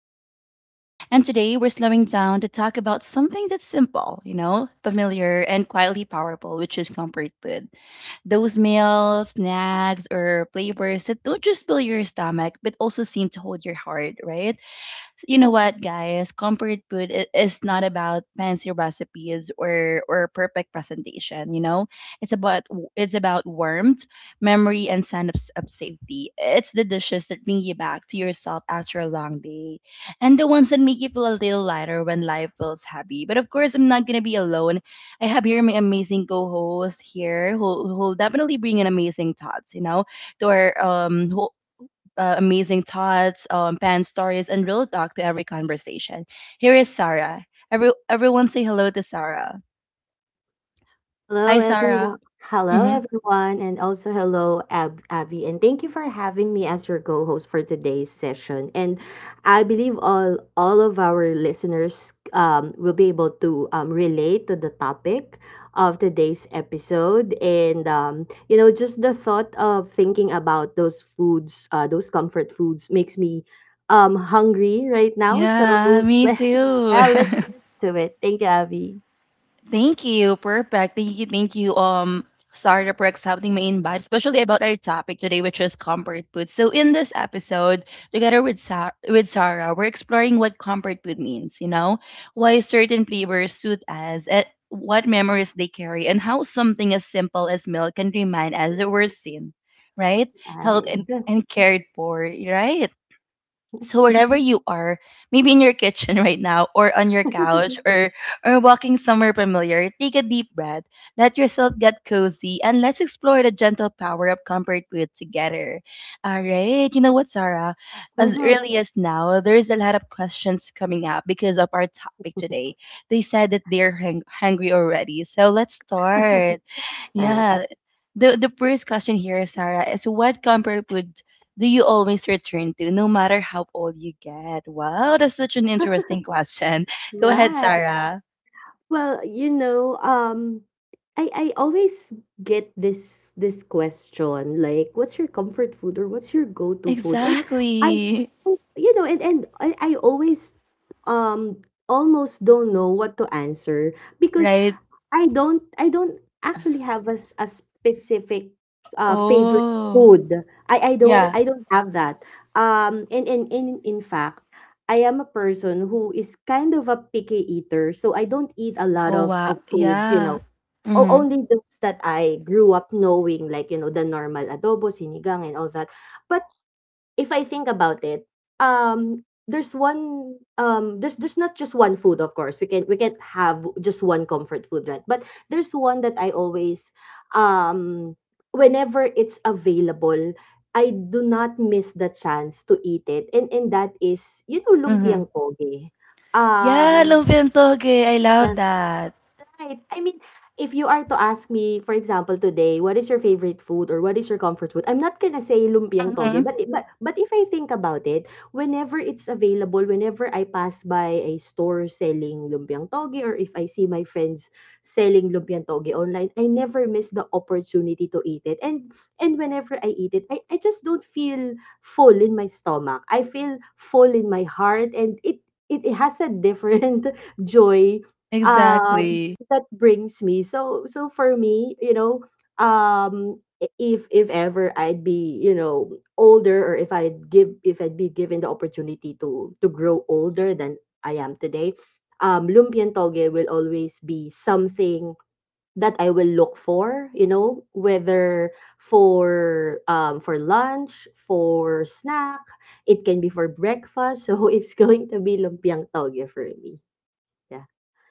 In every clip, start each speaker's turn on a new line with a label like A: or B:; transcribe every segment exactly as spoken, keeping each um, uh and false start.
A: Abby again, and today we're slowing down to talk about something that's simple, you know, familiar and quietly powerful, which is comfort food. Those meals, snacks, or flavors that don't just fill your stomach but also seem to hold your heart, right? You know what, guys? Comfort food i- is not about fancy recipes or or perfect presentation. You know, it's about it's about warmth, memory, and sense of, s- of safety. It's the dishes that bring you back to yourself after a long day, and the ones that make you feel a little lighter when life feels heavy. But of course, I'm not gonna be alone. I have here my amazing co-host here, who who'll definitely bring in amazing thoughts. You know, to our um, who uh, amazing thoughts, um, fan stories, and real talk to every conversation. Here is Sarah. Every, everyone say hello to Sarah. Hi,
B: Hello,
A: Sarah.
B: everyone. Hello,
A: Hmm.
B: everyone, and also hello, Ab- Abby. And thank you for having me as your co-host for today's session. And I believe all all of our listeners um, will be able to um, relate to the topic of today's episode. And um, you know, just the thought of thinking about those foods, uh, those comfort foods, makes me um hungry right now. So
A: Yeah, me
B: let
A: too.
B: uh, let's get to it. Thank you, Abby.
A: Thank you. Perfect. Thank you. Thank you. Um, Sarah, for accepting my invite, especially about our topic today, which is comfort food. So, in this episode, together with Sa- with Sarah, we're exploring what comfort food means, You know, why certain flavors suit us, and what memories they carry, and how something as simple as milk can remind us that we're seen, right,
B: All
A: held
B: right.
A: and and cared for, right? So wherever you are, maybe in your kitchen right now, or on your couch, or or walking somewhere familiar, take a deep breath, let yourself get cozy, and let's explore the gentle power of comfort food together. All right, you know what, Sarah? As
B: Mhm.
A: early as now, there's a lot of questions coming up because of our topic today. They said that they're hang- hungry already, so let's start.
B: Nice.
A: Yeah. The the first question here, Sarah, is what comfort food do you always return to, no matter how old you get? Wow, that's such an interesting question. Go ahead,
B: Right.
A: Sarah.
B: Well, you know, um, I I always get this this question like, what's your comfort food or what's your go-to food? And I,
A: Exactly.
B: I- you know, and and I, I always um almost don't know what to answer because
A: Right?
B: I don't I don't actually have a, s- a specific uh favorite
A: Oh,
B: food. I I don't
A: yeah.
B: I don't have that. Um and and and in fact, I am a person who is kind of a picky eater, so I don't eat a lot
A: Oh,
B: of
A: wow.
B: of foods, you
A: Yeah.
B: know. O-
A: Mm-hmm.
B: only those that I grew up knowing like, you know, the normal adobo, sinigang and all that. But if I think about it, um, there's one um there's there's not just one food. Of course we can we can't have just one comfort food, right? But there's one that I always um whenever it's available, I do not miss the chance to eat it, and and that is, you know,
A: Mm-hmm.
B: lumpiang poge.
A: Yeah,
B: um
A: lumpia and toge. I love
B: yeah.
A: that.
B: Right. I mean, if you are to ask me, for example, today, what is your favorite food or what is your comfort food? I'm not gonna say lumpiang toge,
A: Mm-hmm.
B: but i- but but if I think about it, whenever it's available, whenever I pass by a store selling lumpiang toge, or if I see my friends selling lumpiang toge online, I never miss the opportunity to eat it. And and whenever I eat it, I, I just don't feel full in my stomach. I feel full in my heart, and it it, it has a different joy um
A: Exactly.
B: that brings me. So so for me, you know, um i- if if ever I'd be you know, older, or if I'd give if I'd be given the opportunity to to grow older than I am today, um lumpian toge will always be something that I will look for, you know, whether for um for lunch, for snack, it can be for breakfast. So it's going to be lumpiang toge for me. Yeah,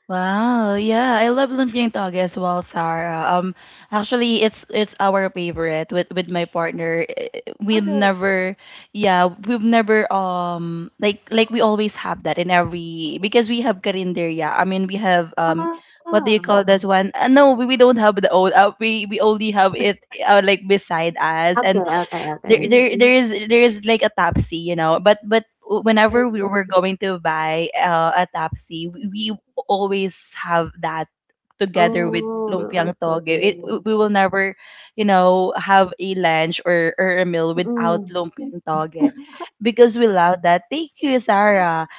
A: Wow, yeah, I love lumpiang tog as well, Sarah. Um, actually, it's it's our favorite with with my partner. Eh, We've
B: love it.
A: never, yeah, we've never um like like we always have that in every because we have karinderya. I mean, we have, um, what do you
B: Ah,
A: call this one? Uh, no, we, we don't have the old. Uh, we we only have it uh, like beside us,
B: oke
A: and
B: oke oke.
A: there there there is there is like a Tapsi, you know. But but
B: Baik
A: whenever we
B: baik.
A: were going to buy uh, a Tapsi, we, we always have that together with
B: Oh,
A: lumpiang
B: oke.
A: toge. It we will never, you know, have a lunch, or, or a meal, without
B: Mhm.
A: lumpiang toge because we love that. Thank you, Sarah.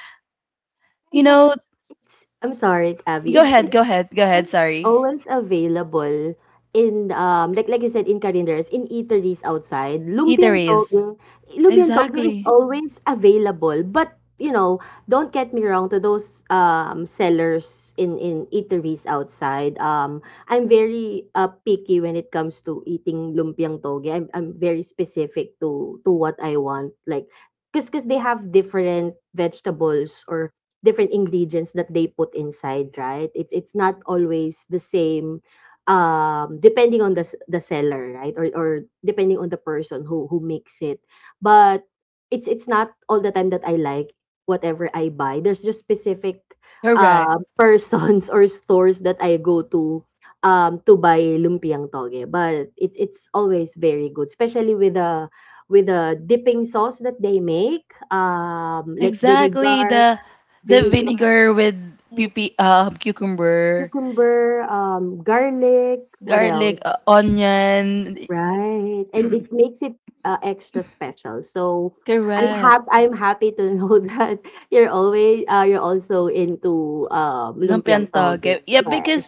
A: You know,
B: It's I'm sorry, Abby.
A: go
B: It's
A: ahead,
B: it's
A: go ahead, go ahead.
B: always,
A: Sorry,
B: always available in um like like you said, in calendars, in eateries outside. Lumpiang
A: eateries.
B: toge, lumpiang toge is
A: Exactly.
B: always available, but you know, don't get me wrong to those um sellers in in eateries outside. Um I'm very uh, picky when it comes to eating lumpiang toge. I'm I'm very specific to to what I want. Like, because cause they have different vegetables or different ingredients that they put inside, right? It's it's not always the same um depending on the s- the seller, right? Or or depending on the person who who makes it. But it's it's not all the time that I like whatever I buy. There's just specific
A: Correct.
B: uh, persons or stores that I go to um to buy lumpiang toge. But it's it's always very good, especially with the with the dipping sauce that they make, um like
A: Exactly,
B: vinegar,
A: the the
B: vinegar,
A: vinegar with
B: right,
A: pipi uh, cucumber,
B: cucumber, um, garlic, what else?
A: garlic, uh, onion.
B: Right. And it makes it uh, extra special. So I'm
A: Correct.
B: hap- I'm happy to know that you're always uh, you're also into um,
A: Lumpiang
B: lumpiang toge.
A: toge. Yeah, because
B: Yes.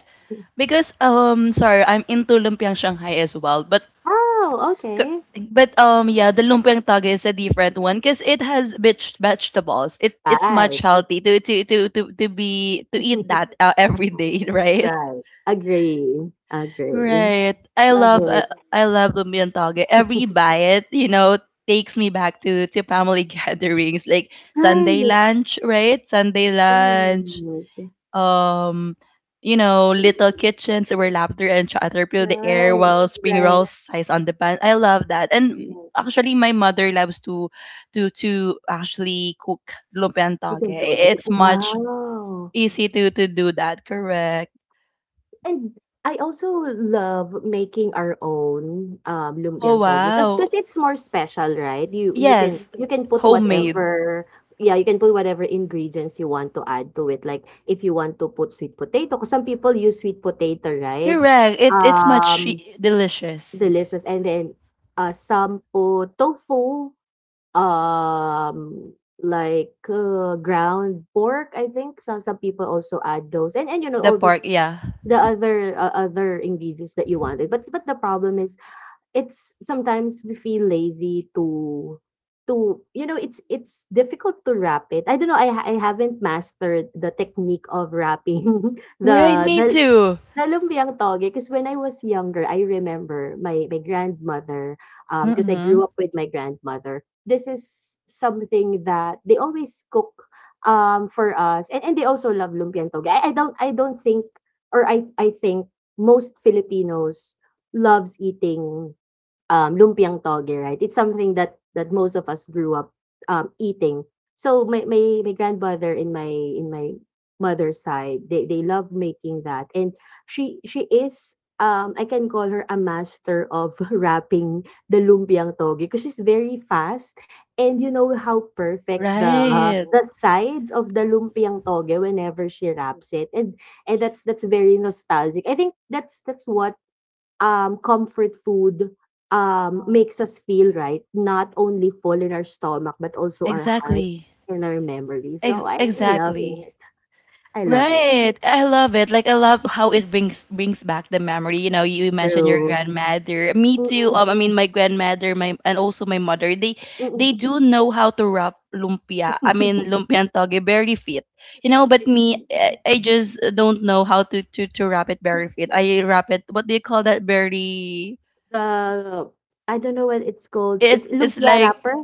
A: because um sorry, I'm into lumpiang Shanghai as well, but
B: Oh, okay.
A: c- but um yeah, the lumpiang toge is a different one because it has bitch vegetables. It it's much
B: Right.
A: healthy to to to to, to be to eat that uh, every day, right?
B: Right. Agree. Agree.
A: Right. I
B: Love
A: love uh,
B: it.
A: I love lumpia and toge. Every bite, you know, takes me back to to family gatherings like Sunday
B: Right.
A: lunch, right? Sunday lunch.
B: Right.
A: Um, you know, little kitchens where laughter and chatter fill the air while spring
B: Right.
A: rolls size on the pan. I love that. And
B: Right.
A: actually my mother loves to to to actually cook lumpia and
B: You
A: toge.
B: can go to
A: It's much
B: wow!
A: easy to to do that, correct?
B: And I also love making our own, um,
A: Oh
B: lumpiang toge, kas
A: wow.
B: kasi it's more special, right? You you can
A: Yes.
B: you can put
A: Homemade.
B: whatever, yeah, you can put whatever ingredients you want to add to it, like, if you want to put sweet potato 'cause some people use sweet potato, right?
A: Correct. It it's much
B: Um,
A: e- delicious.
B: delicious. And then, uh, some put tofu. Um, like, uh, ground pork, I think some some people also add those. And and, you know,
A: The
B: all those
A: pork, yeah.
B: the other, uh, other ingredients that you wanted. But but the problem is, it's sometimes we feel lazy to to you know, it's it's difficult to wrap it. I don't know, I ha I haven't mastered the technique of wrapping
A: Right,
B: the
A: me
B: the
A: too.
B: Lumpiang toge, because when I was younger, I remember my my grandmother, um, 'cause I grew
A: Mm-hmm.
B: up with my grandmother. This is something that they always cook, um, for us, and and they also love lumpiang toge. I I don't I don't think, or I I think most Filipinos loves eating um, lumpiang toge, right? It's something that that most of us grew up um, eating. So my, my my grandmother in my in my mother's side, they they love making that, and she she is um, I can call her a master of wrapping the lumpiang toge because she's very fast, and you know how perfect the
A: Right.
B: the sides of the lumpiang toge whenever she wraps it. And and that's that's very nostalgic. I think that's that's one um, comfort food, um, makes us feel right, not only full in our stomach, but also our
A: Exactly.
B: hearts and our memories. So
A: Ex-
B: I really love
A: exactly.
B: it. I love it.
A: Right. I love it. Like I love how it brings brings back the memory. You know, you mentioned your
B: True.
A: grandmother. Me too.
B: Mm-mm,
A: Um, I mean my grandmother, my and also my mother, they
B: mm-mm.
A: they do know how to wrap lumpia. I mean lumpia and toge very fit. You know, but
B: Right.
A: me I, I just don't know how to, to to wrap it very fit. I wrap it, what do you call that, very
B: the I don't know what it's called.
A: it
B: It's
A: it's
B: lumpia
A: like
B: wrapper.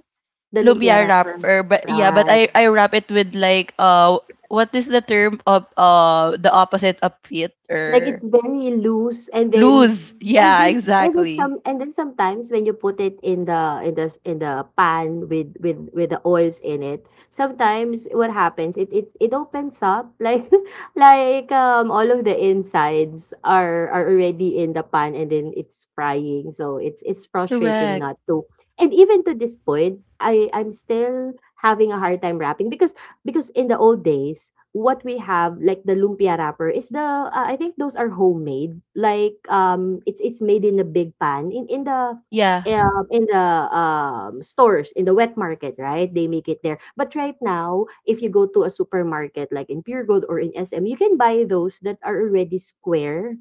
B: The lumpia
A: lumpia
B: wrapper.
A: wrapper, but yeah, but
B: Right.
A: I I wrap it with like uh what is the term of uh the opposite of fit
B: Like it's
A: or
B: very loose, and then
A: lose.
B: and
A: Yeah,
B: then and then
A: exactly.
B: some and then sometimes when you put it in the in the s- in the pan with with with the oils in it, sometimes what happens, it it, it opens up like like um all of the insides are are already in the pan, and then it's frying. So it's it's frustrating not
A: Correct.
B: to. And even to this point, I I'm still having a hard time wrapping because because in the old days, what we have, like the lumpia wrapper, is the uh, I think those are homemade. Like um, it's it's made in a big pan in in the
A: Yeah.
B: um, in the um, stores in the wet market, right? They make it there. But right now, if you go to a supermarket like in Pure Gold or in S M, you can buy those that are already square,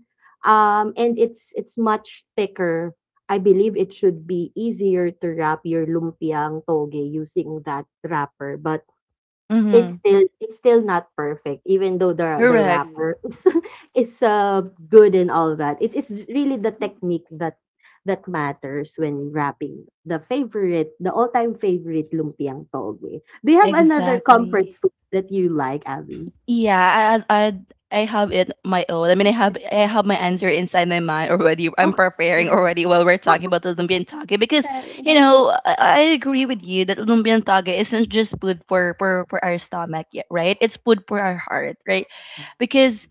B: um, and it's it's much thicker. I believe it should be easier to wrap your lumpiang toge using that wrapper, but it's
A: Mm-hmm.
B: still it's still not perfect, even though the the
A: Correct.
B: wrapper is is uh, good and all that. It is really the technique that that matters when wrapping the favorite, the all time favorite lumpiang toge. Do you have another comfort
A: Exactly.
B: food that you like, Abby?
A: Yeah, I, I I have it my own. I mean, I have
B: Okay.
A: I have my answer inside my mind already. I'm
B: Okay.
A: preparing already while we're talking about the lumpiang tage because you know I, I agree with you that lumpiang tage isn't just food for for for our stomach, yeah, right? It's food for our heart, right? Because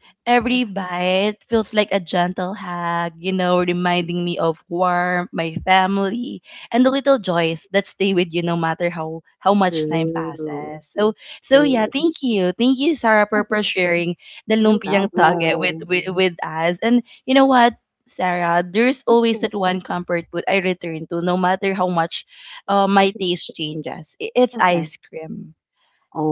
B: Okay.
A: every bite feels like a gentle hug, you know, reminding me of warmth, my family, and the little joys that stay with you no matter how how much time
B: True.
A: passes. So so yeah,
B: True.
A: thank you. Thank you, Sarah, for, for
B: Mhm.
A: sharing the
B: No
A: lumpiang tage, mm-hmm, with,
B: problem.
A: with with us. And you know what, Sarah, there's always
B: Mhm.
A: that one comfort food I return to, no matter how much uh, my taste changes. I- It's
B: Okay.
A: ice cream.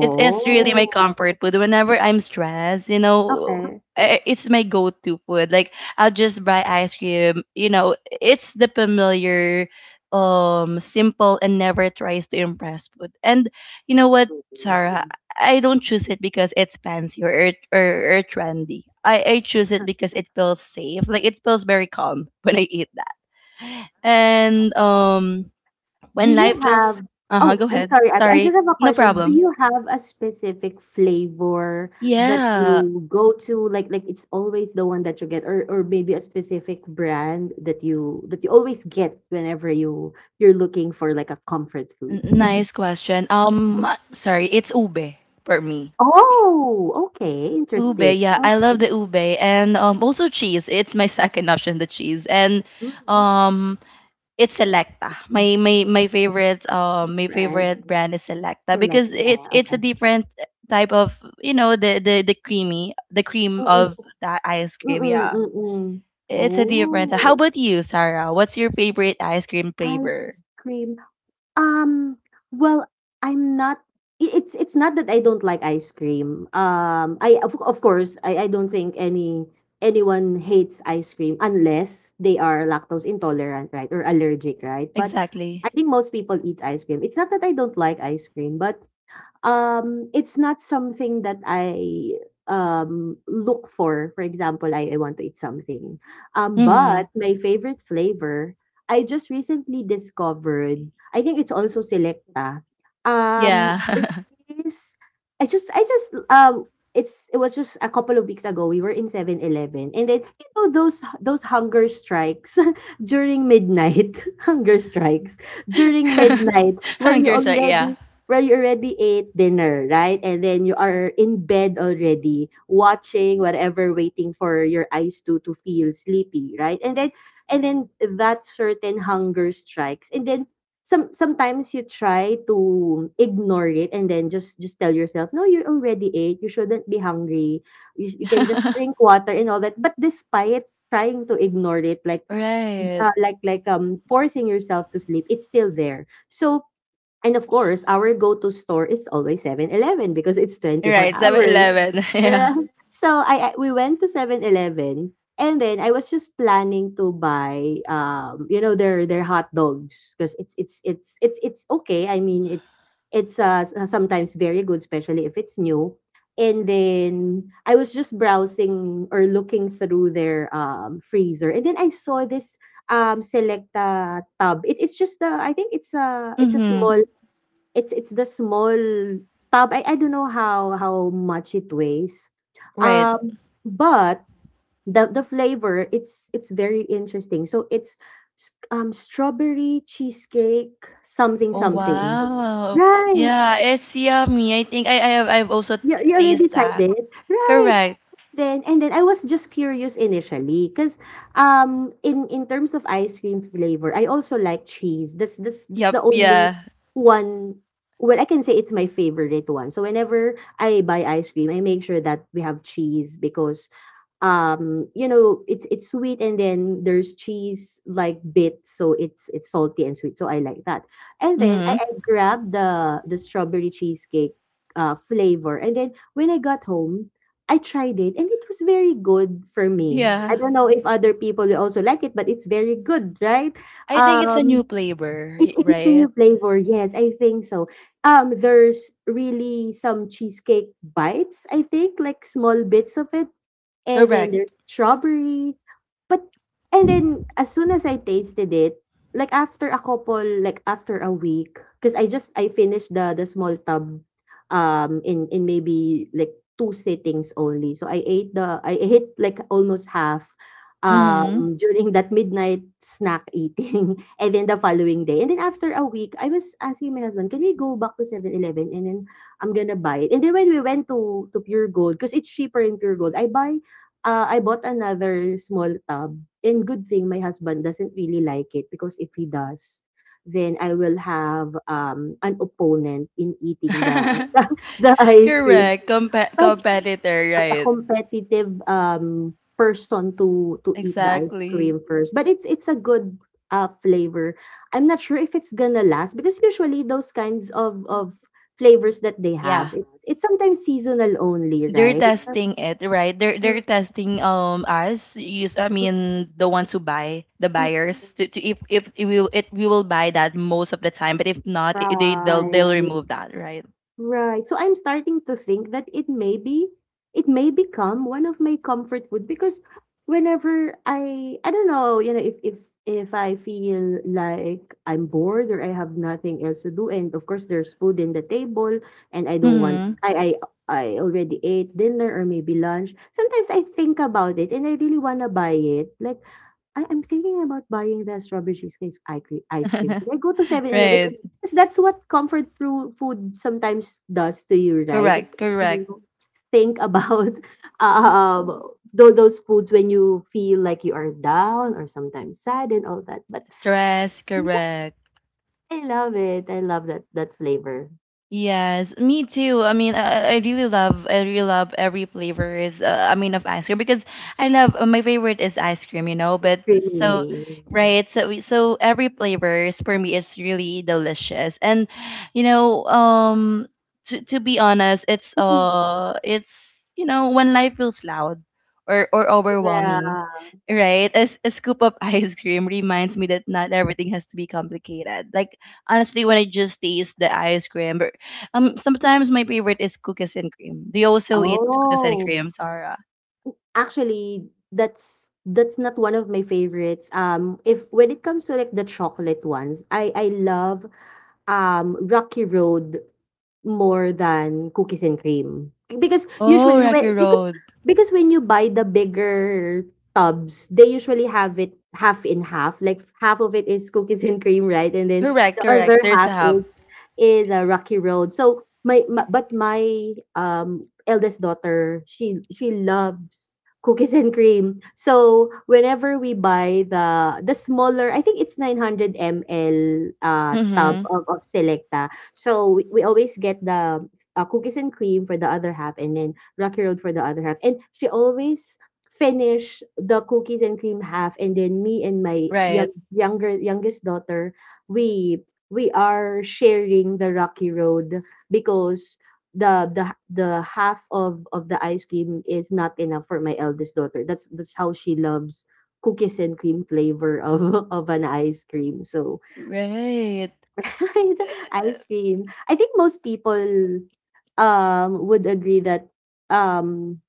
A: It's it's really my comfort food. Whenever I'm stressed, you know,
B: okay.
A: i- it's my go-to food. Like I'll just buy ice cream. You know, it's the familiar, um, simple and never tries to impress food. And you know what,
B: Mhm.
A: Sarah, I don't choose it because it's fancy or or, or trendy. I, I choose it because it feels safe. Like it feels very calm when I eat that. And um,
B: Do
A: when
B: you
A: life feels,
B: have
A: uh huh,
B: Oh,
A: go
B: I'm
A: ahead.
B: sorry. I, I just
A: Sorry,
B: have a
A: no
B: question. Do
A: problem.
B: you have a specific flavor that
A: Yeah,
B: you go to? Like, like it's always the one that you get, or or maybe a specific brand that you that you always get whenever you you're looking for like a comfort
A: N-
B: food.
A: Nice question. Um, sorry, it's ube for me.
B: Oh, okay,
A: Ube,
B: interesting.
A: yeah, I love
B: Okay,
A: the ube and um also cheese. It's my second option, the cheese. And
B: mm.
A: um it's Selecta. My my my favorite um my
B: Brand
A: favorite brand is Selecta
B: select.
A: because it's
B: Uh,
A: it's a
B: okay.
A: different type of, you know, the the the creamy, the cream
B: Mm-mm,
A: of that ice cream.
B: mm-mm,
A: Yeah.
B: mm-mm.
A: It's a different. How
B: Oh,
A: about you, Sarah? What's your favorite ice cream flavor?
B: ice cream. Um, well, I'm not I it's it's not that I don't like ice cream. Um, I of of course, I I don't think any anyone hates ice cream unless they are lactose intolerant, right, or allergic, right? But I
A: Exactly.
B: think most people eat ice cream. It's not that I don't like ice cream, but Um, it's not something that I um look for. For example, I, I want to eat something. Um,
A: Mhm.
B: but my favorite flavor, I just recently discovered. I think it's also Selecta. Um, it
A: Yeah.
B: is. I just I just um. It's it was just a couple of weeks ago. We were in Seven Eleven, and then you know those those hunger strikes during midnight, hunger strikes during midnight, where you
A: Hunger strike, yeah.
B: already where you already ate dinner, right? And then you are in bed already, watching whatever, waiting for your eyes to to feel sleepy, right? And then and then that certain hunger strikes. And then some sometimes you try to ignore it, and then just just tell yourself, no, you already ate. You shouldn't be hungry. You, you can just drink water and all that. But despite trying to ignore it, like
A: Right.
B: uh, like like um forcing yourself to sleep, it's still there. So and of course, our go-to store is always Seven Eleven because it's twenty-four
A: Right, Seven
B: hours.
A: eleven, Yeah.
B: Right? So I, I we went to Seven Eleven, and then I was just planning to buy um you know their their hot dogs because it's it's it's it's it's okay. I mean it's it's uh s- uh, sometimes very good, especially if it's new. And then I was just browsing or looking through their um freezer, and then I saw this um selecta tub. It, it's just the— I think it's a it's a
A: Mm-hmm.
B: small— It's it's the small tub. I I don't know how how much it weighs.
A: Right.
B: Um, but the the flavor, it's it's very interesting. So it's— s- um strawberry cheesecake, something
A: Oh
B: something.
A: wow.
B: Right.
A: Yeah, it's yummy. I think I I have I've also t-
B: You you already
A: tasted
B: tried
A: that.
B: it? Right.
A: Correct.
B: Then and then I was just curious initially, 'cause, um, in in terms of ice cream flavor, I also like cheese. That's that's that's
A: Yep,
B: the only
A: yeah.
B: one— well, I can say it's my favorite one. So whenever I buy ice cream, I make sure that we have cheese, because um you know it's it's sweet, and then there's cheese like bit, so it's it's salty and sweet, so i like that. And then
A: Mm-hmm.
B: i,
A: Mm.
B: I grabbed the the strawberry cheesecake uh flavor, and then when i got home, i tried it and it was very good for me. I
A: Yeah.
B: don't know if other people will also like it, but it's very good, right?
A: I think it's a new
B: um
A: flavor,
B: it,
A: y-
B: it is a new
A: right?
B: flavor, yes, i think so. Um there's really some cheesecake bites, i think, like small bits of it. And then
A: Correct.
B: there's strawberry, but— and then as soon as I tasted it, like after a couple— like after a week, because I just I finished the the small tub, um, in in maybe like two sittings only. So I ate the I ate like almost half,
A: Mm-hmm.
B: um, during that midnight snack eating and then the following day. And then after a week, I was asking my husband, "Can we go back to Seven eleven, and then I'm gonna buy it." And then when we went to to Pure Gold, because it's cheaper in Pure Gold, I buy Ah, I bought another small tub, and good thing my husband doesn't really like it, because if he does, then I will have, um, an opponent in eating the the the ice cream.
A: Correct. Compa-
B: But
A: competitor,
B: as a
A: right.
B: competitive, um, person to to eat the ice
A: Exactly.
B: cream first, but it's it's a good, uh, flavor. I'm not sure if it's gonna last, because usually those kinds of of flavors that they
A: Yeah.
B: have, it's it's sometimes seasonal only,
A: They're
B: right?
A: testing it, right? They're they're
B: Mm,
A: testing um us. Use I
B: mm.
A: mean the ones who buy, the
B: Mm, mm.
A: buyers, to, to if if it will it we will buy that most of the time, but if not, i- they they'll
B: Right.
A: they'll remove that, right?
B: Right. So I'm starting to think that it may be it may become one of my comfort food, because whenever I I don't know, you know, if if if I feel like I'm bored or I have nothing else to do, and of course there's food in the table, and I don't want
A: Mm-hmm.
B: I I I already ate dinner or maybe lunch. Sometimes I think about it and I really want to buy it. Like, I am thinking about buying the strawberry cheesecake i cre- ice cream. Should I go to Seven Eleven?
A: Right.
B: Because that's what comfort fru- food sometimes does to you, right? It
A: Correct.
B: makes
A: Correct.
B: you think about um tho- those foods when you feel like you are down or sometimes sad and all that. But
A: Stress.
B: yeah,
A: Correct.
B: I love it. I love that that flavor.
A: Yes, me too. I mean, I, I really love, I really love, every flavors. Uh, I mean, of ice cream because I love uh, my favorite is ice cream, you know.
B: Ice
A: But
B: cream,
A: so,
B: really.
A: right? So, we- so every flavors for me is really delicious, and you know, um, to to be honest, it's
B: Mm.
A: uh, it's you know, when life feels loud or or overwhelming,
B: Yeah.
A: right? A, s- a scoop of ice cream reminds me that not everything has to be complicated. Like honestly, when I just taste the ice cream, um, sometimes my favorite is cookies and cream. Do you also eat cookies and
B: Oh.
A: cream, Sarah?
B: Actually, that's that's not one of my favorites. Um, if When it comes to like the chocolate ones, I I love um Rocky Road more than cookies and cream, because
A: Oh,
B: usually—
A: Rocky
B: when because
A: Road.
B: because when you buy the bigger tubs, they usually have it half in half. Like, half of it is cookies and cream, right? And then
A: Correct,
B: the other
A: correct. There's a
B: half
A: hub.
B: is is a Rocky Road. So my, my but my um eldest daughter, she she loves cookies and cream. So whenever we buy the the smaller— I think it's nine hundred milliliters uh, tub
A: Mm-hmm.
B: of, of Selecta. So we, we always get the uh, cookies and cream for the other half, and then Rocky Road for the other half. And she always finish the cookies and cream half, and then me and my young
A: Right.
B: younger youngest daughter, we we are sharing the Rocky Road, because the the the half of of the ice cream is not enough for my eldest daughter. That's that's how she loves cookies and cream flavor of of an ice cream. So
A: Right.
B: the ice cream. I think most people um would agree that um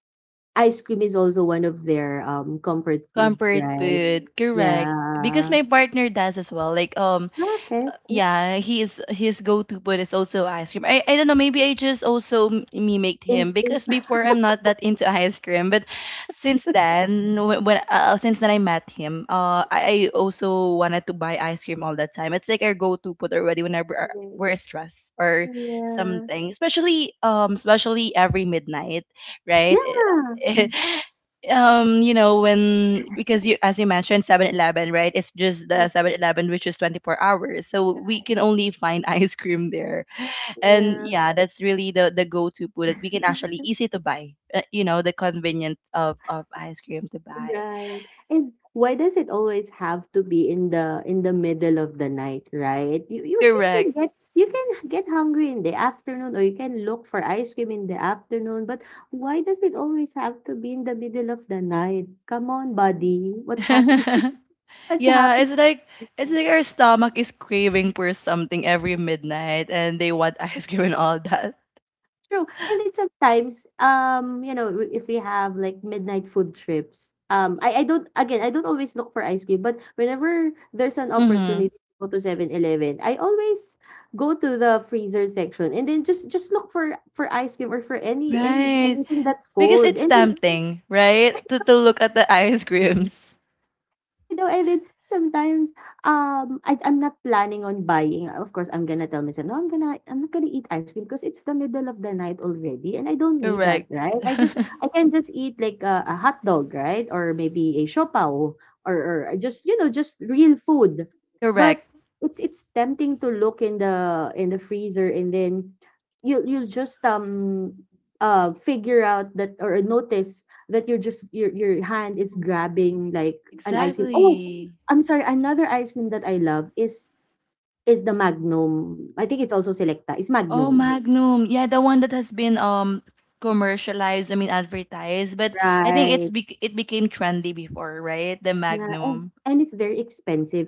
B: ice cream is also one of their um comfort foods,
A: Comfort
B: right?
A: food. Correct. Because
B: Yeah.
A: my partner does as well. Like um
B: Okay.
A: yeah, his his go-to food is also ice cream. I, I don't know, maybe I just also m- mimicked
B: In
A: him because before I'm not that into ice cream, but since then when, when uh, since then I met him, uh I, I also wanted to buy ice cream all the time. It's like our go-to food already whenever uh, we're stressed or
B: Yeah.
A: something, especially um especially every midnight, right?
B: Yeah.
A: Mm um you know when because you as you mentioned seven eleven, right, it's just the
B: That's
A: seven eleven, which is twenty-four hours, so we
B: right.
A: can only find ice cream there, and yeah, that's really the the go-to food that we can
B: Yeah.
A: actually easy to buy, uh, you know the convenience of of ice cream to buy.
B: Right. And why does it always have to be in the in the middle of the night, right? You you can, can
A: Correct.
B: get you can get hungry in the afternoon, or you can look for ice cream in the afternoon, but why does it always have to be in the middle of the night? Come on, buddy. What's happening? What's
A: Yeah, it's
B: happening?
A: like it's like our stomach is craving for something every midnight, and they want ice cream and all that.
B: True. And then sometimes, um, you know, w- if we have like midnight food trips, um, I, I don't, again, I don't always look for ice cream, but whenever there's an
A: Mm-hmm.
B: opportunity to go to Seven Eleven, I always go to the freezer section and then just just look for for ice cream or for any any
A: Right.
B: anything that's
A: Because
B: cold.
A: it's
B: And then—
A: tempting, right? To to look at the ice creams.
B: You know, and then sometimes, um, I I'm not planning on buying. Of course, I'm gonna tell myself, "No, I'm gonna I'm not gonna eat ice cream because it's the middle of the night already, and I don't need that,
A: Correct.
B: right? I just I can just eat like a, a hot dog, right, or maybe a siopao, or or I just, you know, just real food." But
A: Correct.
B: it's it's tempting to look in the in the freezer, and then you you'll just um uh figure out that, or notice that you're just your your hand is grabbing like An ice cream. Oh,
A: Exactly.
B: I'm sorry, another ice cream that I love is is the Magnum. I think it's also Selecta. It's
A: Oh,
B: Magnum.
A: Magnum. Yeah, the one that has been um commercialized, I mean advertised, but I think it's
B: Right.
A: bec it became trendy before, right? The
B: Yeah, and
A: Magnum.
B: and it's very expensive,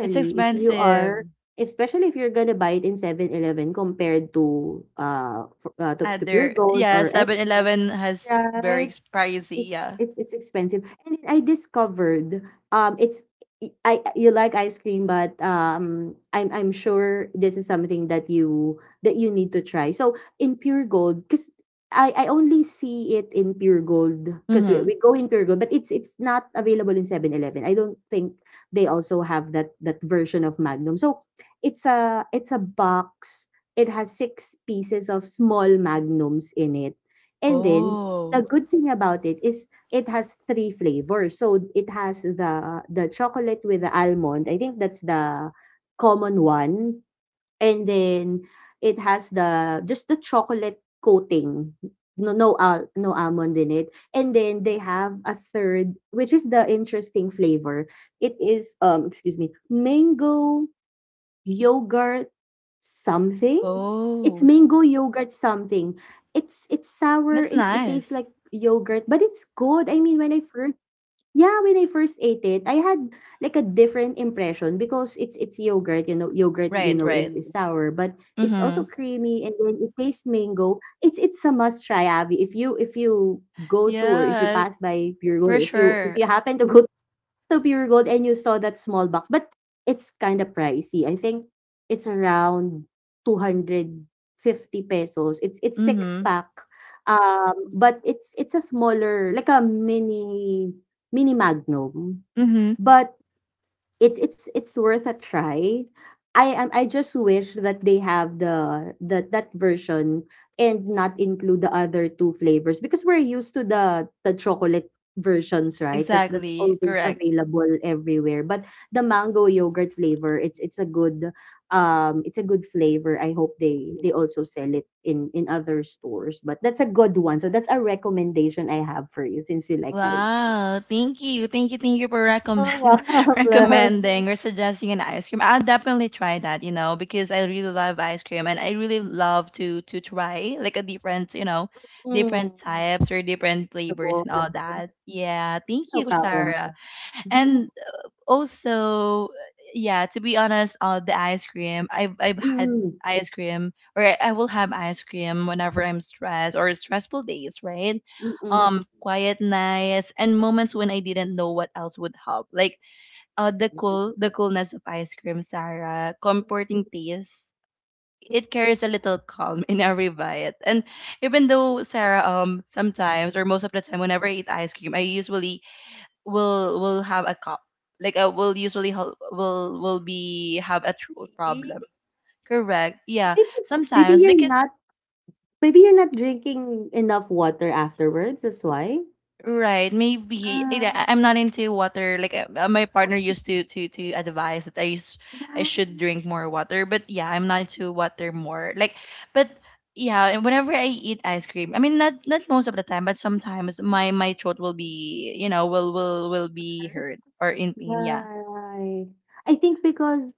A: It's
B: if you
A: expensive.
B: are especially if you're gonna buy it in Seven eleven compared to, uh, f uh, to to Pure
A: Other,
B: Gold
A: yeah,
B: or
A: Seven
B: S M,
A: Eleven has very
B: right?
A: ex- pricey,
B: it,
A: yeah.
B: it's it's expensive. And I discovered— um it's— I— you like ice cream, but um I'm I'm sure this is something that you that you need to try. So in Pure Gold, because I, I only see it in Pure Gold, because we,
A: Mm-hmm.
B: we go in Pure Gold, but it's it's not available in Seven Eleven. I don't think they also have that that version of Magnum. So it's a it's a box. It has six pieces of small magnums in it. And then, the
A: Oh.
B: good thing about it is it has three flavors. So it has the the chocolate with the almond, I think that's the common one, and then it has the just the chocolate coating, no no al no almond in it, and then they have a third, which is the interesting flavor. It is, um, excuse me, mango yogurt something? It's
A: Oh.
B: mango yogurt something. It's it's sour.
A: That's
B: It it tastes
A: nice.
B: like yogurt, but it's good. I mean, when I first— yeah, when I first ate it, I had like a different impression, because it's it's yogurt, you know, yogurt we
A: Right,
B: know is
A: right.
B: is sour, but it's also
A: Mm-hmm.
B: creamy, and then it tastes mango. It's it's a must try, Abby. If you if you go to, or if you
A: Yeah,
B: pass by Pure Gold, or
A: for
B: if you if
A: sure.
B: you happen to go to Pure Gold and you saw that small box, but it's kind of pricey. I think it's around two hundred fifty pesos. It's it's six
A: Mm-hmm.
B: pack. Um, but it's it's a smaller— like a mini mini Magnum.
A: Mm-hmm.
B: But It's it's it's worth a try. I am I just wish that they have the the that version and not include the other two flavors, because we're used to the the chocolate versions, right? That's that's
A: Exactly.
B: always
A: Correct.
B: available everywhere. But the mango yogurt flavor, it's it's a good um it's a good flavor. I hope they they also sell it in in other stores. But that's a good one. So that's a recommendation I have for you since you like ice cream.
A: Wow. Thank you. Thank you. Thank you for
B: Oh, wow.
A: recommend recommending or suggesting an ice cream. I'll definitely try that, you know, because I really love ice cream and I really love to to try like a different, you know, different
B: Love.
A: types or different flavors and
B: Mm.
A: all that. Yeah. Thank
B: No
A: you,
B: problem.
A: Sarah. And also yeah, to be honest, uh the ice cream i've i've had
B: Mm,
A: ice cream, or I, I will have ice cream whenever I'm stressed or stressful days, right?
B: mm,
A: Um quiet nights and moments when I didn't know what else would help, like uh the
B: right, right.
A: cool the coolness of ice cream, Sarah, comforting taste. It carries a little calm in every bite. And even though, Sarah, um sometimes or most of the time whenever I eat ice cream, I usually will will have a cup. Like uh, will usually hel- will will be have a throat
B: Okay.
A: problem, correct? Yeah,
B: Maybe maybe
A: sometimes,
B: you're
A: because
B: not Maybe you're not drinking enough water afterwards, that's why?
A: right, maybe. Yeah, I-
B: Ah,
A: I'm not into water. Like uh, uh, my partner used to to to advise that I sh- I
B: right.
A: should drink more water. But yeah, I'm not into water more, like, but yeah. And whenever I eat ice cream, I mean not not most of the time but sometimes,
B: Mm, mm, mm,
A: my my throat will
B: mm.
A: be, you know, will will will be
B: Hurt?
A: hurt or in pain, yeah.
B: Right. I think because—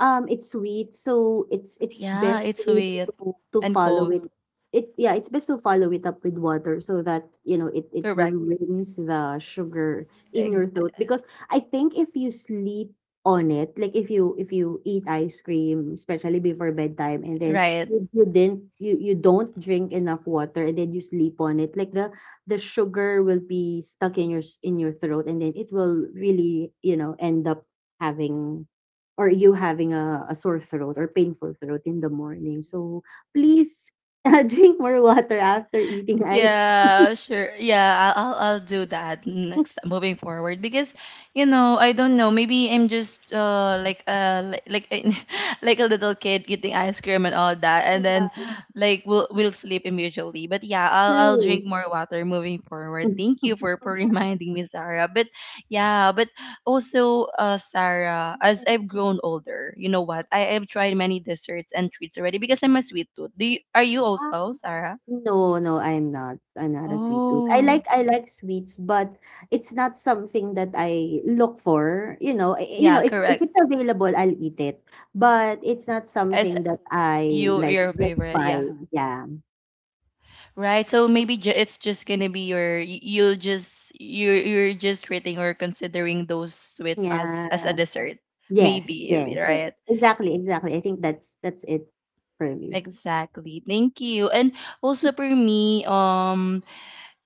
B: Um, it's sweet, so it's it's
A: Yeah,
B: best,
A: it's
B: really,
A: weird
B: to to
A: and
B: follow it.
A: cold.
B: It yeah, it's best to follow it up with water so that, you know, it it will
A: Correct.
B: rinse the sugar in your
A: Ex-
B: throat, because I think if you sleep on it, like if you if you eat ice cream, especially before bedtime, and then
A: Right.
B: you you didn't you you don't drink enough water and then you sleep on it, like the the sugar will be stuck in your s- in your throat, and then it will really, you know, end up having or you having a, a sore throat or painful throat in the morning. So please uh, drink more water after eating ice cream.
A: Yeah, sure. Yeah, I'll I'll I'll do that next, moving forward, because, you know, I don't know, maybe I'm just uh like uh like like, a- like a little kid eating ice cream and all that, and then
B: Yeah,
A: like we'll we'll sleep immediately. But yeah, I'll I'll
B: true.
A: drink more water moving forward. Thank you for for reminding me, Sarah. But yeah, but also, uh, Sarah, as I've grown older, you know what? I have tried many desserts and treats already because I'm a sweet tooth. Do you, are you also, Sarah?
B: No, no, I'm not. I'm not a sweet tooth. I
A: Oh,
B: like I like sweets, but it's not something that I look for. You know, I- you
A: yeah,
B: know, if, if
A: correct.
B: it's available, I'll eat it. But it's not
A: As
B: something that I
A: you
B: like
A: your
B: like
A: favorite,
B: buy.
A: yeah.
B: Yeah.
A: Right. So maybe ju it's just gonna be your y- you'll just you're you're just treating or considering those sweets as
B: Yeah.
A: as a dessert.
B: Yes,
A: Maybe,
B: yes.
A: yeah, right?
B: Exactly, exactly. I think that's that's it for me.
A: Exactly. Thank you. And also for me, um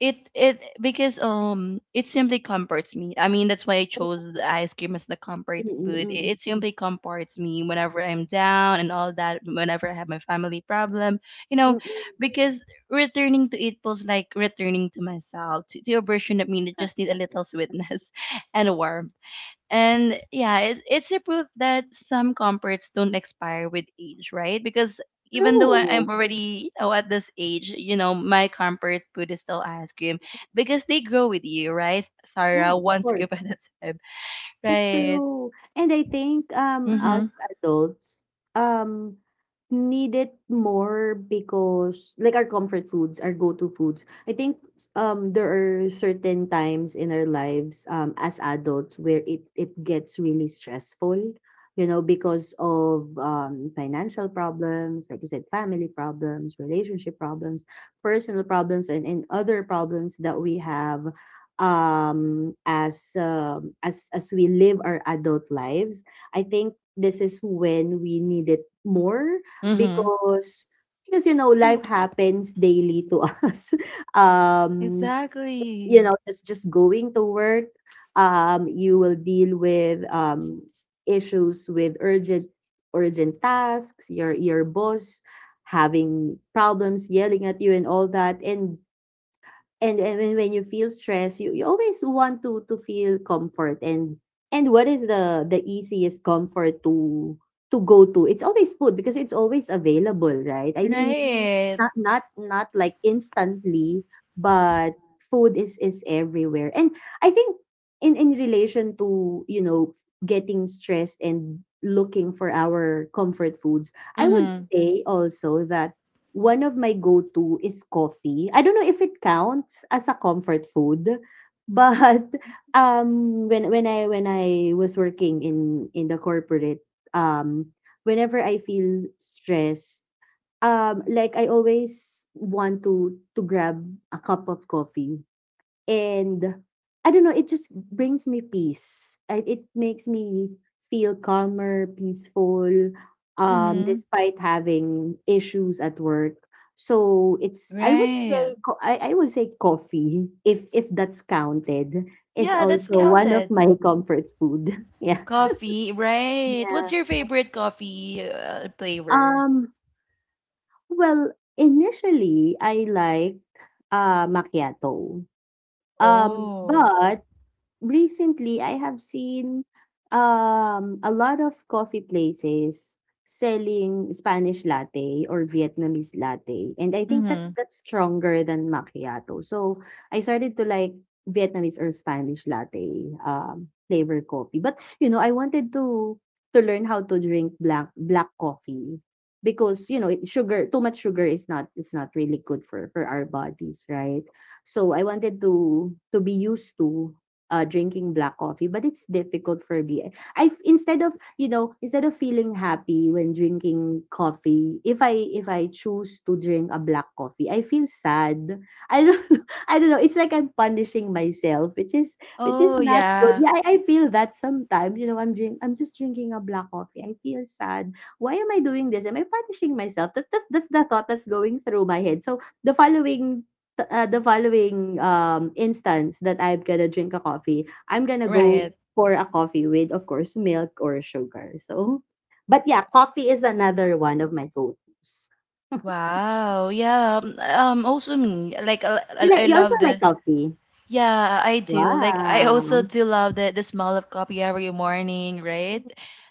A: it it because um it simply comforts me. I mean, that's why I chose the ice cream as the comfort
B: Mm, mm,
A: food. It,
B: mm,
A: it simply comforts me whenever I'm down and all that. Whenever I have my family problem, you
B: mm,
A: know,
B: mm,
A: because returning to it feels like returning to myself, to, to a version of me that
B: mm.
A: just need a little sweetness and warmth. And yeah, it's, it's a proof that some comforts don't expire with age, right? Because even though I, I'm
B: True.
A: already, you know, at this age, you know, my comfort food is still ice cream because they grow with you, right,
B: Yeah,
A: Sarah?
B: of
A: One
B: course.
A: scoop at a time,
B: That's
A: right?
B: true. And I think um
A: Mm-hmm.
B: us adults um need it more because like our comfort foods, our go-to foods. I think um there are certain times in our lives um as adults where it it gets really stressful, you know, because of um financial problems, like you said, family problems, relationship problems, personal problems, and, and other problems that we have um, as um, as as we live our adult lives. I think this is when we need it more
A: Mm-hmm. Mm-hmm.
B: because because you know, life happens daily to us. Um, you
A: Exactly.
B: know, just just going to work, um, you will deal with um, issues with urgent urgent tasks, your your boss having problems, yelling at you and all that, and and and when when you feel stress, you you always want to to feel comfort, and and what is the the easiest comfort to to go to? It's always food because it's always available, right? I mean,
A: Right.
B: not not not like instantly, but food is is everywhere. And I think in in relation to, you know, getting stressed and looking for our comfort foods, I would
A: Mm-hmm.
B: say also that one of my go-to is coffee. I don't know if it counts as a comfort food, but um when when i when i was working in in the corporate, um whenever I feel stressed, um, like I always want to to grab a cup of coffee. And I don't know, it just brings me peace. It, it makes me feel calmer, peaceful, um,
A: Mm-hmm.
B: despite having issues at work. So it's, I would say
A: Right.
B: co- I, I would say coffee, if if that's counted, is
A: Yeah, that's
B: also one of
A: counted.
B: my comfort food. Yeah.
A: Coffee, right. What's
B: Yeah.
A: your favorite coffee, uh, flavor?
B: Um Well, initially I liked, ah, macchiato. Um, Mm.
A: Oh.
B: But recently I have seen um a lot of coffee places selling Spanish latte or Vietnamese latte. And I think that's that's stronger than macchiato. So I started to like Vietnamese or Spanish latte um flavor coffee. But you know, I wanted to to learn how to drink black black coffee, because you know it- sugar, too much sugar is not, it's not really good for for our bodies, right? So I wanted to to be used to uh, drinking black coffee, but it's difficult for me. I, instead of, you know, instead of feeling happy when drinking coffee, if I if I choose to drink a black coffee, I feel sad. I don't I don't know. It's like I'm punishing myself, which is which is
A: Oh
B: not good.
A: yeah,
B: Yeah, I, I feel that sometimes. You know, I'm drink I'm just drinking a black coffee, I feel sad. Why am I doing this? Am I punishing myself? That, that's that's the thought that's going through my head. So the following t- uh, the following um instance that I'm gonna drink a coffee, I'm gonna go
A: right.
B: for a coffee with, of course, milk or sugar. So, but yeah, coffee is another one of my go-tos.
A: Wow. Yeah. Um. um, Also me. Like I, I
B: You know,
A: I
B: you also
A: love
B: like
A: the.
B: coffee.
A: Yeah, I do. Like I also
B: Wow.
A: do love the the smell of coffee every morning, right?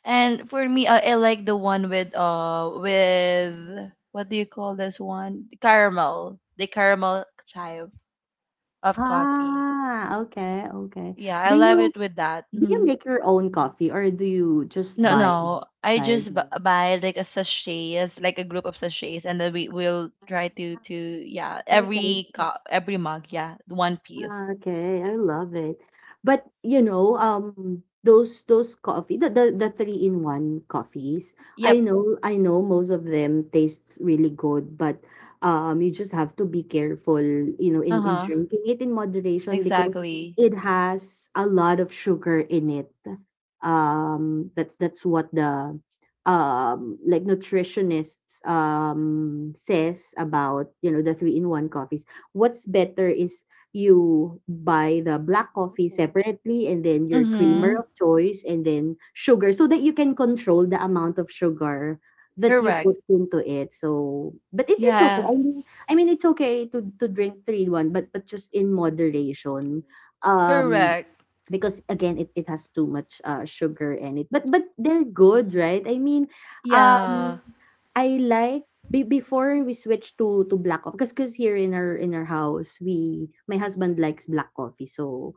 A: And for me, I, I like the one with uh with what do you call this one? The caramel. The caramel chive of coffee.
B: Ah, okay, okay.
A: Yeah, I
B: Do
A: love
B: you
A: it with that.
B: do you
A: Mm-hmm.
B: make your own coffee or do you just
A: No,
B: buy
A: no. I
B: outside?
A: just b- buy like a sachets, like a group of sachets, and then we will try to to yeah
B: Okay.
A: every cup, every mug, yeah, one piece.
B: Okay, I love it. But you know, um, those those coffee, the the, the three in one coffees. I
A: Yep.
B: know, I know, most of them tastes really good, but um, you just have to be careful, you know,
A: Uh
B: in in
A: huh.
B: drinking it in moderation because
A: Exactly.
B: it has a lot of sugar in it. Um, that's that's what the um like nutritionists um says about, you know, the three in one coffees. What's better is you buy the black coffee separately and then your creamer Mm.
A: Mhm.
B: of choice and then sugar, so that you can control the amount of sugar that you put
A: Correct.
B: into it. So, but it, it's okay.
A: Yeah.
B: I mean, I mean, it's okay to to drink three in one, but but just in moderation. Um,
A: Correct.
B: because again it, it has too much uh, sugar in it, but but they're good, right? I mean, um
A: Yeah.
B: I like be, before we switch to to black coffee, because because here in our in our house, we, my husband likes black coffee, so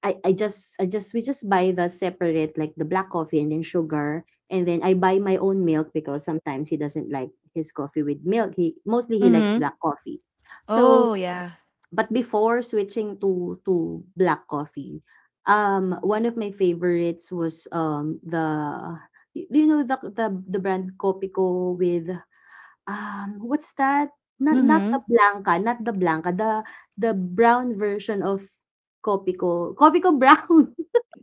B: i i just i just we just buy the separate, like the black coffee and then sugar, and then I buy my own milk because sometimes he doesn't like his coffee with milk. He mostly, he likes
A: Mhm.
B: black coffee, so
A: Oh yeah.
B: but before switching to to black coffee, um, one of my favorites was, um, the, do you know the the the brand Kopiko with, um, what's that? Not not
A: Mhm.
B: the Blanca, not the Blanca, the the brown version of Kopiko, Kopiko Brown.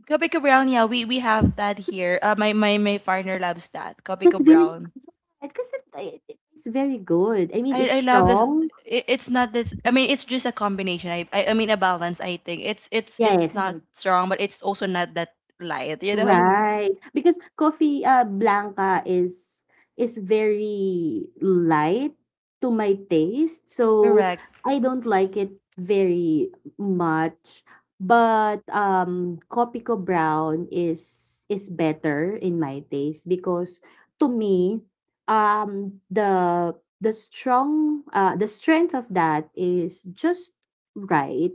A: Kopiko Brown. Yeah, we we have that here. Uh, my my my partner loves that.
B: That's
A: Kopiko
B: very good
A: Brown.
B: kasi, it it tastes very good. I mean,
A: I
B: it's
A: I love this.
B: strong.
A: It, it's not this. I mean, it's just a combination. I, I I mean a balance. I think it's it's it's
B: Yes.
A: not, mm, strong, but it's also not that light, you know.
B: Right, because coffee, uh, Blanca is is very light to my taste, so
A: Correct.
B: I don't like it very much. But um, Kopiko Brown is is better in my taste, because to me, um, the the strong uh, the strength of that is just right,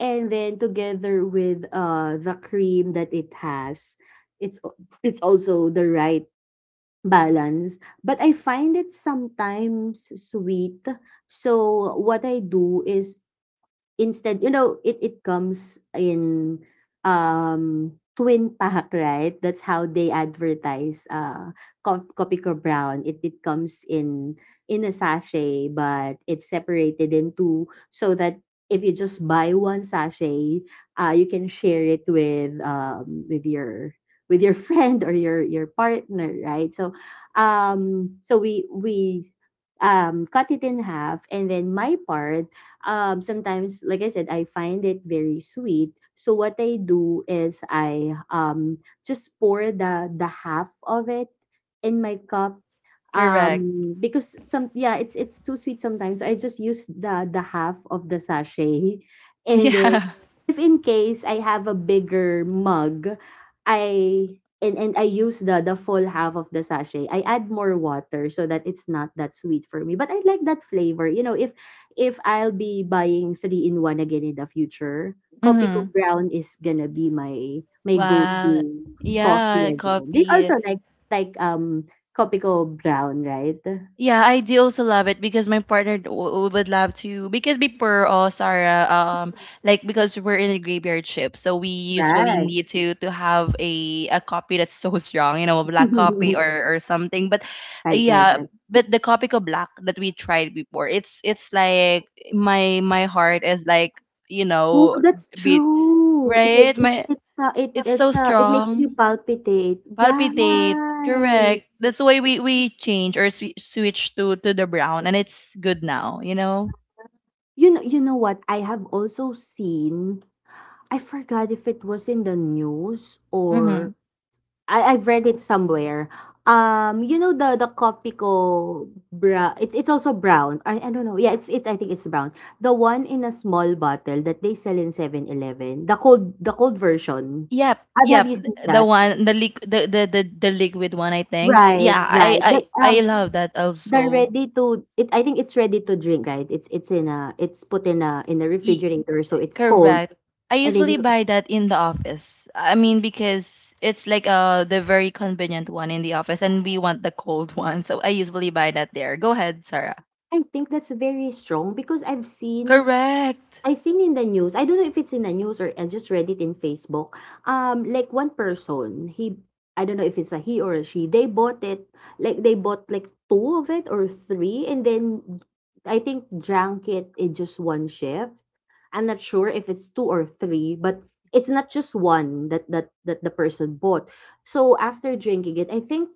B: and then together with uh, the cream that it has, it's al- it's also the right balance. But I find it sometimes sweet, so what I do is, instead, you know, it it comes in um twin pack, right? That's how they advertise uh co- Copico Brown. It it comes in in a sachet, but it's separated in two, so that if you just buy one sachet, uh you can share it with um with your with your friend or your your partner, right? So um so we we um cut it in half, and then my part um, sometimes, like I said, I find it very sweet. So what I do is I um, just pour the the half of it in my cup.
A: Correct.
B: Um, because some, yeah, it's it's too sweet sometimes. I just use the the half of the sachet, and then
A: Yeah.
B: if in case I have a bigger mug, I and and I use the the full half of the sachet. I add more water so that it's not that sweet for me. But I like that flavor. You know, if if I'll be buying three in one again in the future, Kopiko
A: Mm-hmm.
B: Brown is gonna be my my go to
A: Wow.
B: coffee
A: Yeah,
B: again. They also
A: coffee.
B: like like um Kopi ko brown, right?
A: Yeah, I do also love it because my partner d- w- would love to, because before, uh, Sarah, um like because we're in a graveyard ship, so we usually
B: Right.
A: need to to have a a copy that's so strong, you know, a black copy or or something. But uh,
B: Right, right,
A: yeah,
B: right.
A: but the copy ko black that we tried before, it's it's like my my heart is like, you
B: Oh,
A: know,
B: that's
A: beat,
B: true. It's
A: right?
B: it's
A: My
B: it's, uh, it
A: it's
B: it's,
A: so
B: uh, it makes you
A: strong.
B: palpitate.
A: Palpitate.
B: Right.
A: Correct. That's why we we change or swi switch to to the brown, and it's good now, you know.
B: You know, you know what? I have also seen, I forgot if it was in the news or
A: Mm-hmm.
B: I I've read it somewhere. Um, you know the the Kopiko bra it's it's also brown. I I don't know. Yeah, it's it, I think it's brown. The one in a small bottle that they sell in Seven Eleven. The cold the cold version.
A: Yep.
B: Have have
A: Yep.
B: you seen
A: th- The
B: that?
A: one, the liq, the, the the the liquid one, I think.
B: Right,
A: Yeah. I
B: right.
A: I
B: But
A: I
B: um,
A: love that
B: they're
A: also.
B: ready to, it, I think it's ready to drink, right? It's it's in a, it's put in a in a
A: Y-
B: refrigerator, so it's cold.
A: correct. I
B: And then
A: usually
B: you,
A: buy that in the office. I mean because it's like, uh, the very convenient one in the office, and we want the cold one, so I usually buy that there. Go ahead, Sarah.
B: I think that's very strong, because I've seen,
A: Correct.
B: I seen in the news. I don't know if it's in the news or I just read it in Facebook. Um, like one person, he, I don't know if it's a he or a she. They bought it, like they bought like two of it or three, and then I think drank it in just one shift. I'm not sure if it's two or three, but it's not just one that that that the person bought. So after drinking it, I think,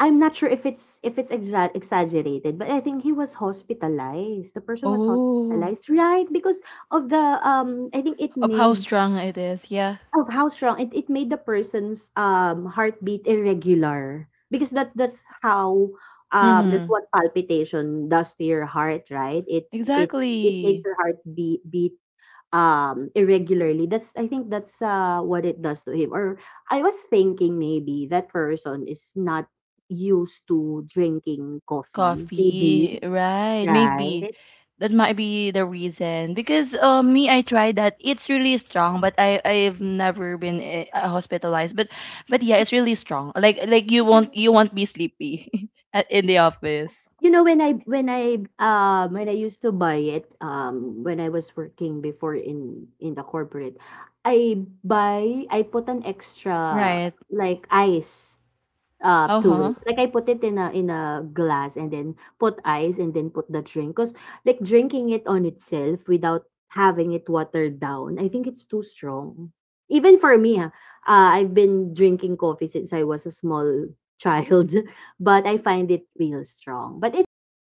B: I'm not sure if it's if it's exa exaggerated, but I think he was hospitalized. The person was
A: Oh.
B: hospitalized, right? Because of the um, I think it
A: Of how
B: made
A: strong it is, yeah.
B: of how strong it it made the person's um heartbeat irregular, because that that's how um that's
A: Mm-hmm.
B: what palpitation does to your heart, right? It it it makes
A: Exactly.
B: your heart beat um, irregularly. That's I think that's, uh, what it does to him. Or I was thinking maybe that person is not used to drinking coffee, maybe,
A: Coffee, right? Maybe
B: right?
A: that might be the reason, because, uh, me, I tried that. It's really strong, but I I've never been, eh, uh, hospitalized. But but yeah, it's really strong. Like like you won't you won't be sleepy at- in the office,
B: You know, when I when I, um, when I used to buy it, um, when I was working before in in the corporate, I buy I put an extra,
A: right?
B: like, ice uh,
A: Uh
B: to
A: huh.
B: it. Like I put it in a in a glass and then put ice and then put the drink, 'cause like drinking it on itself without having it watered down, I think it's too strong. Even for me, ah, uh, I've been drinking coffee since I was a small child, but I find it real strong, but it's a good fla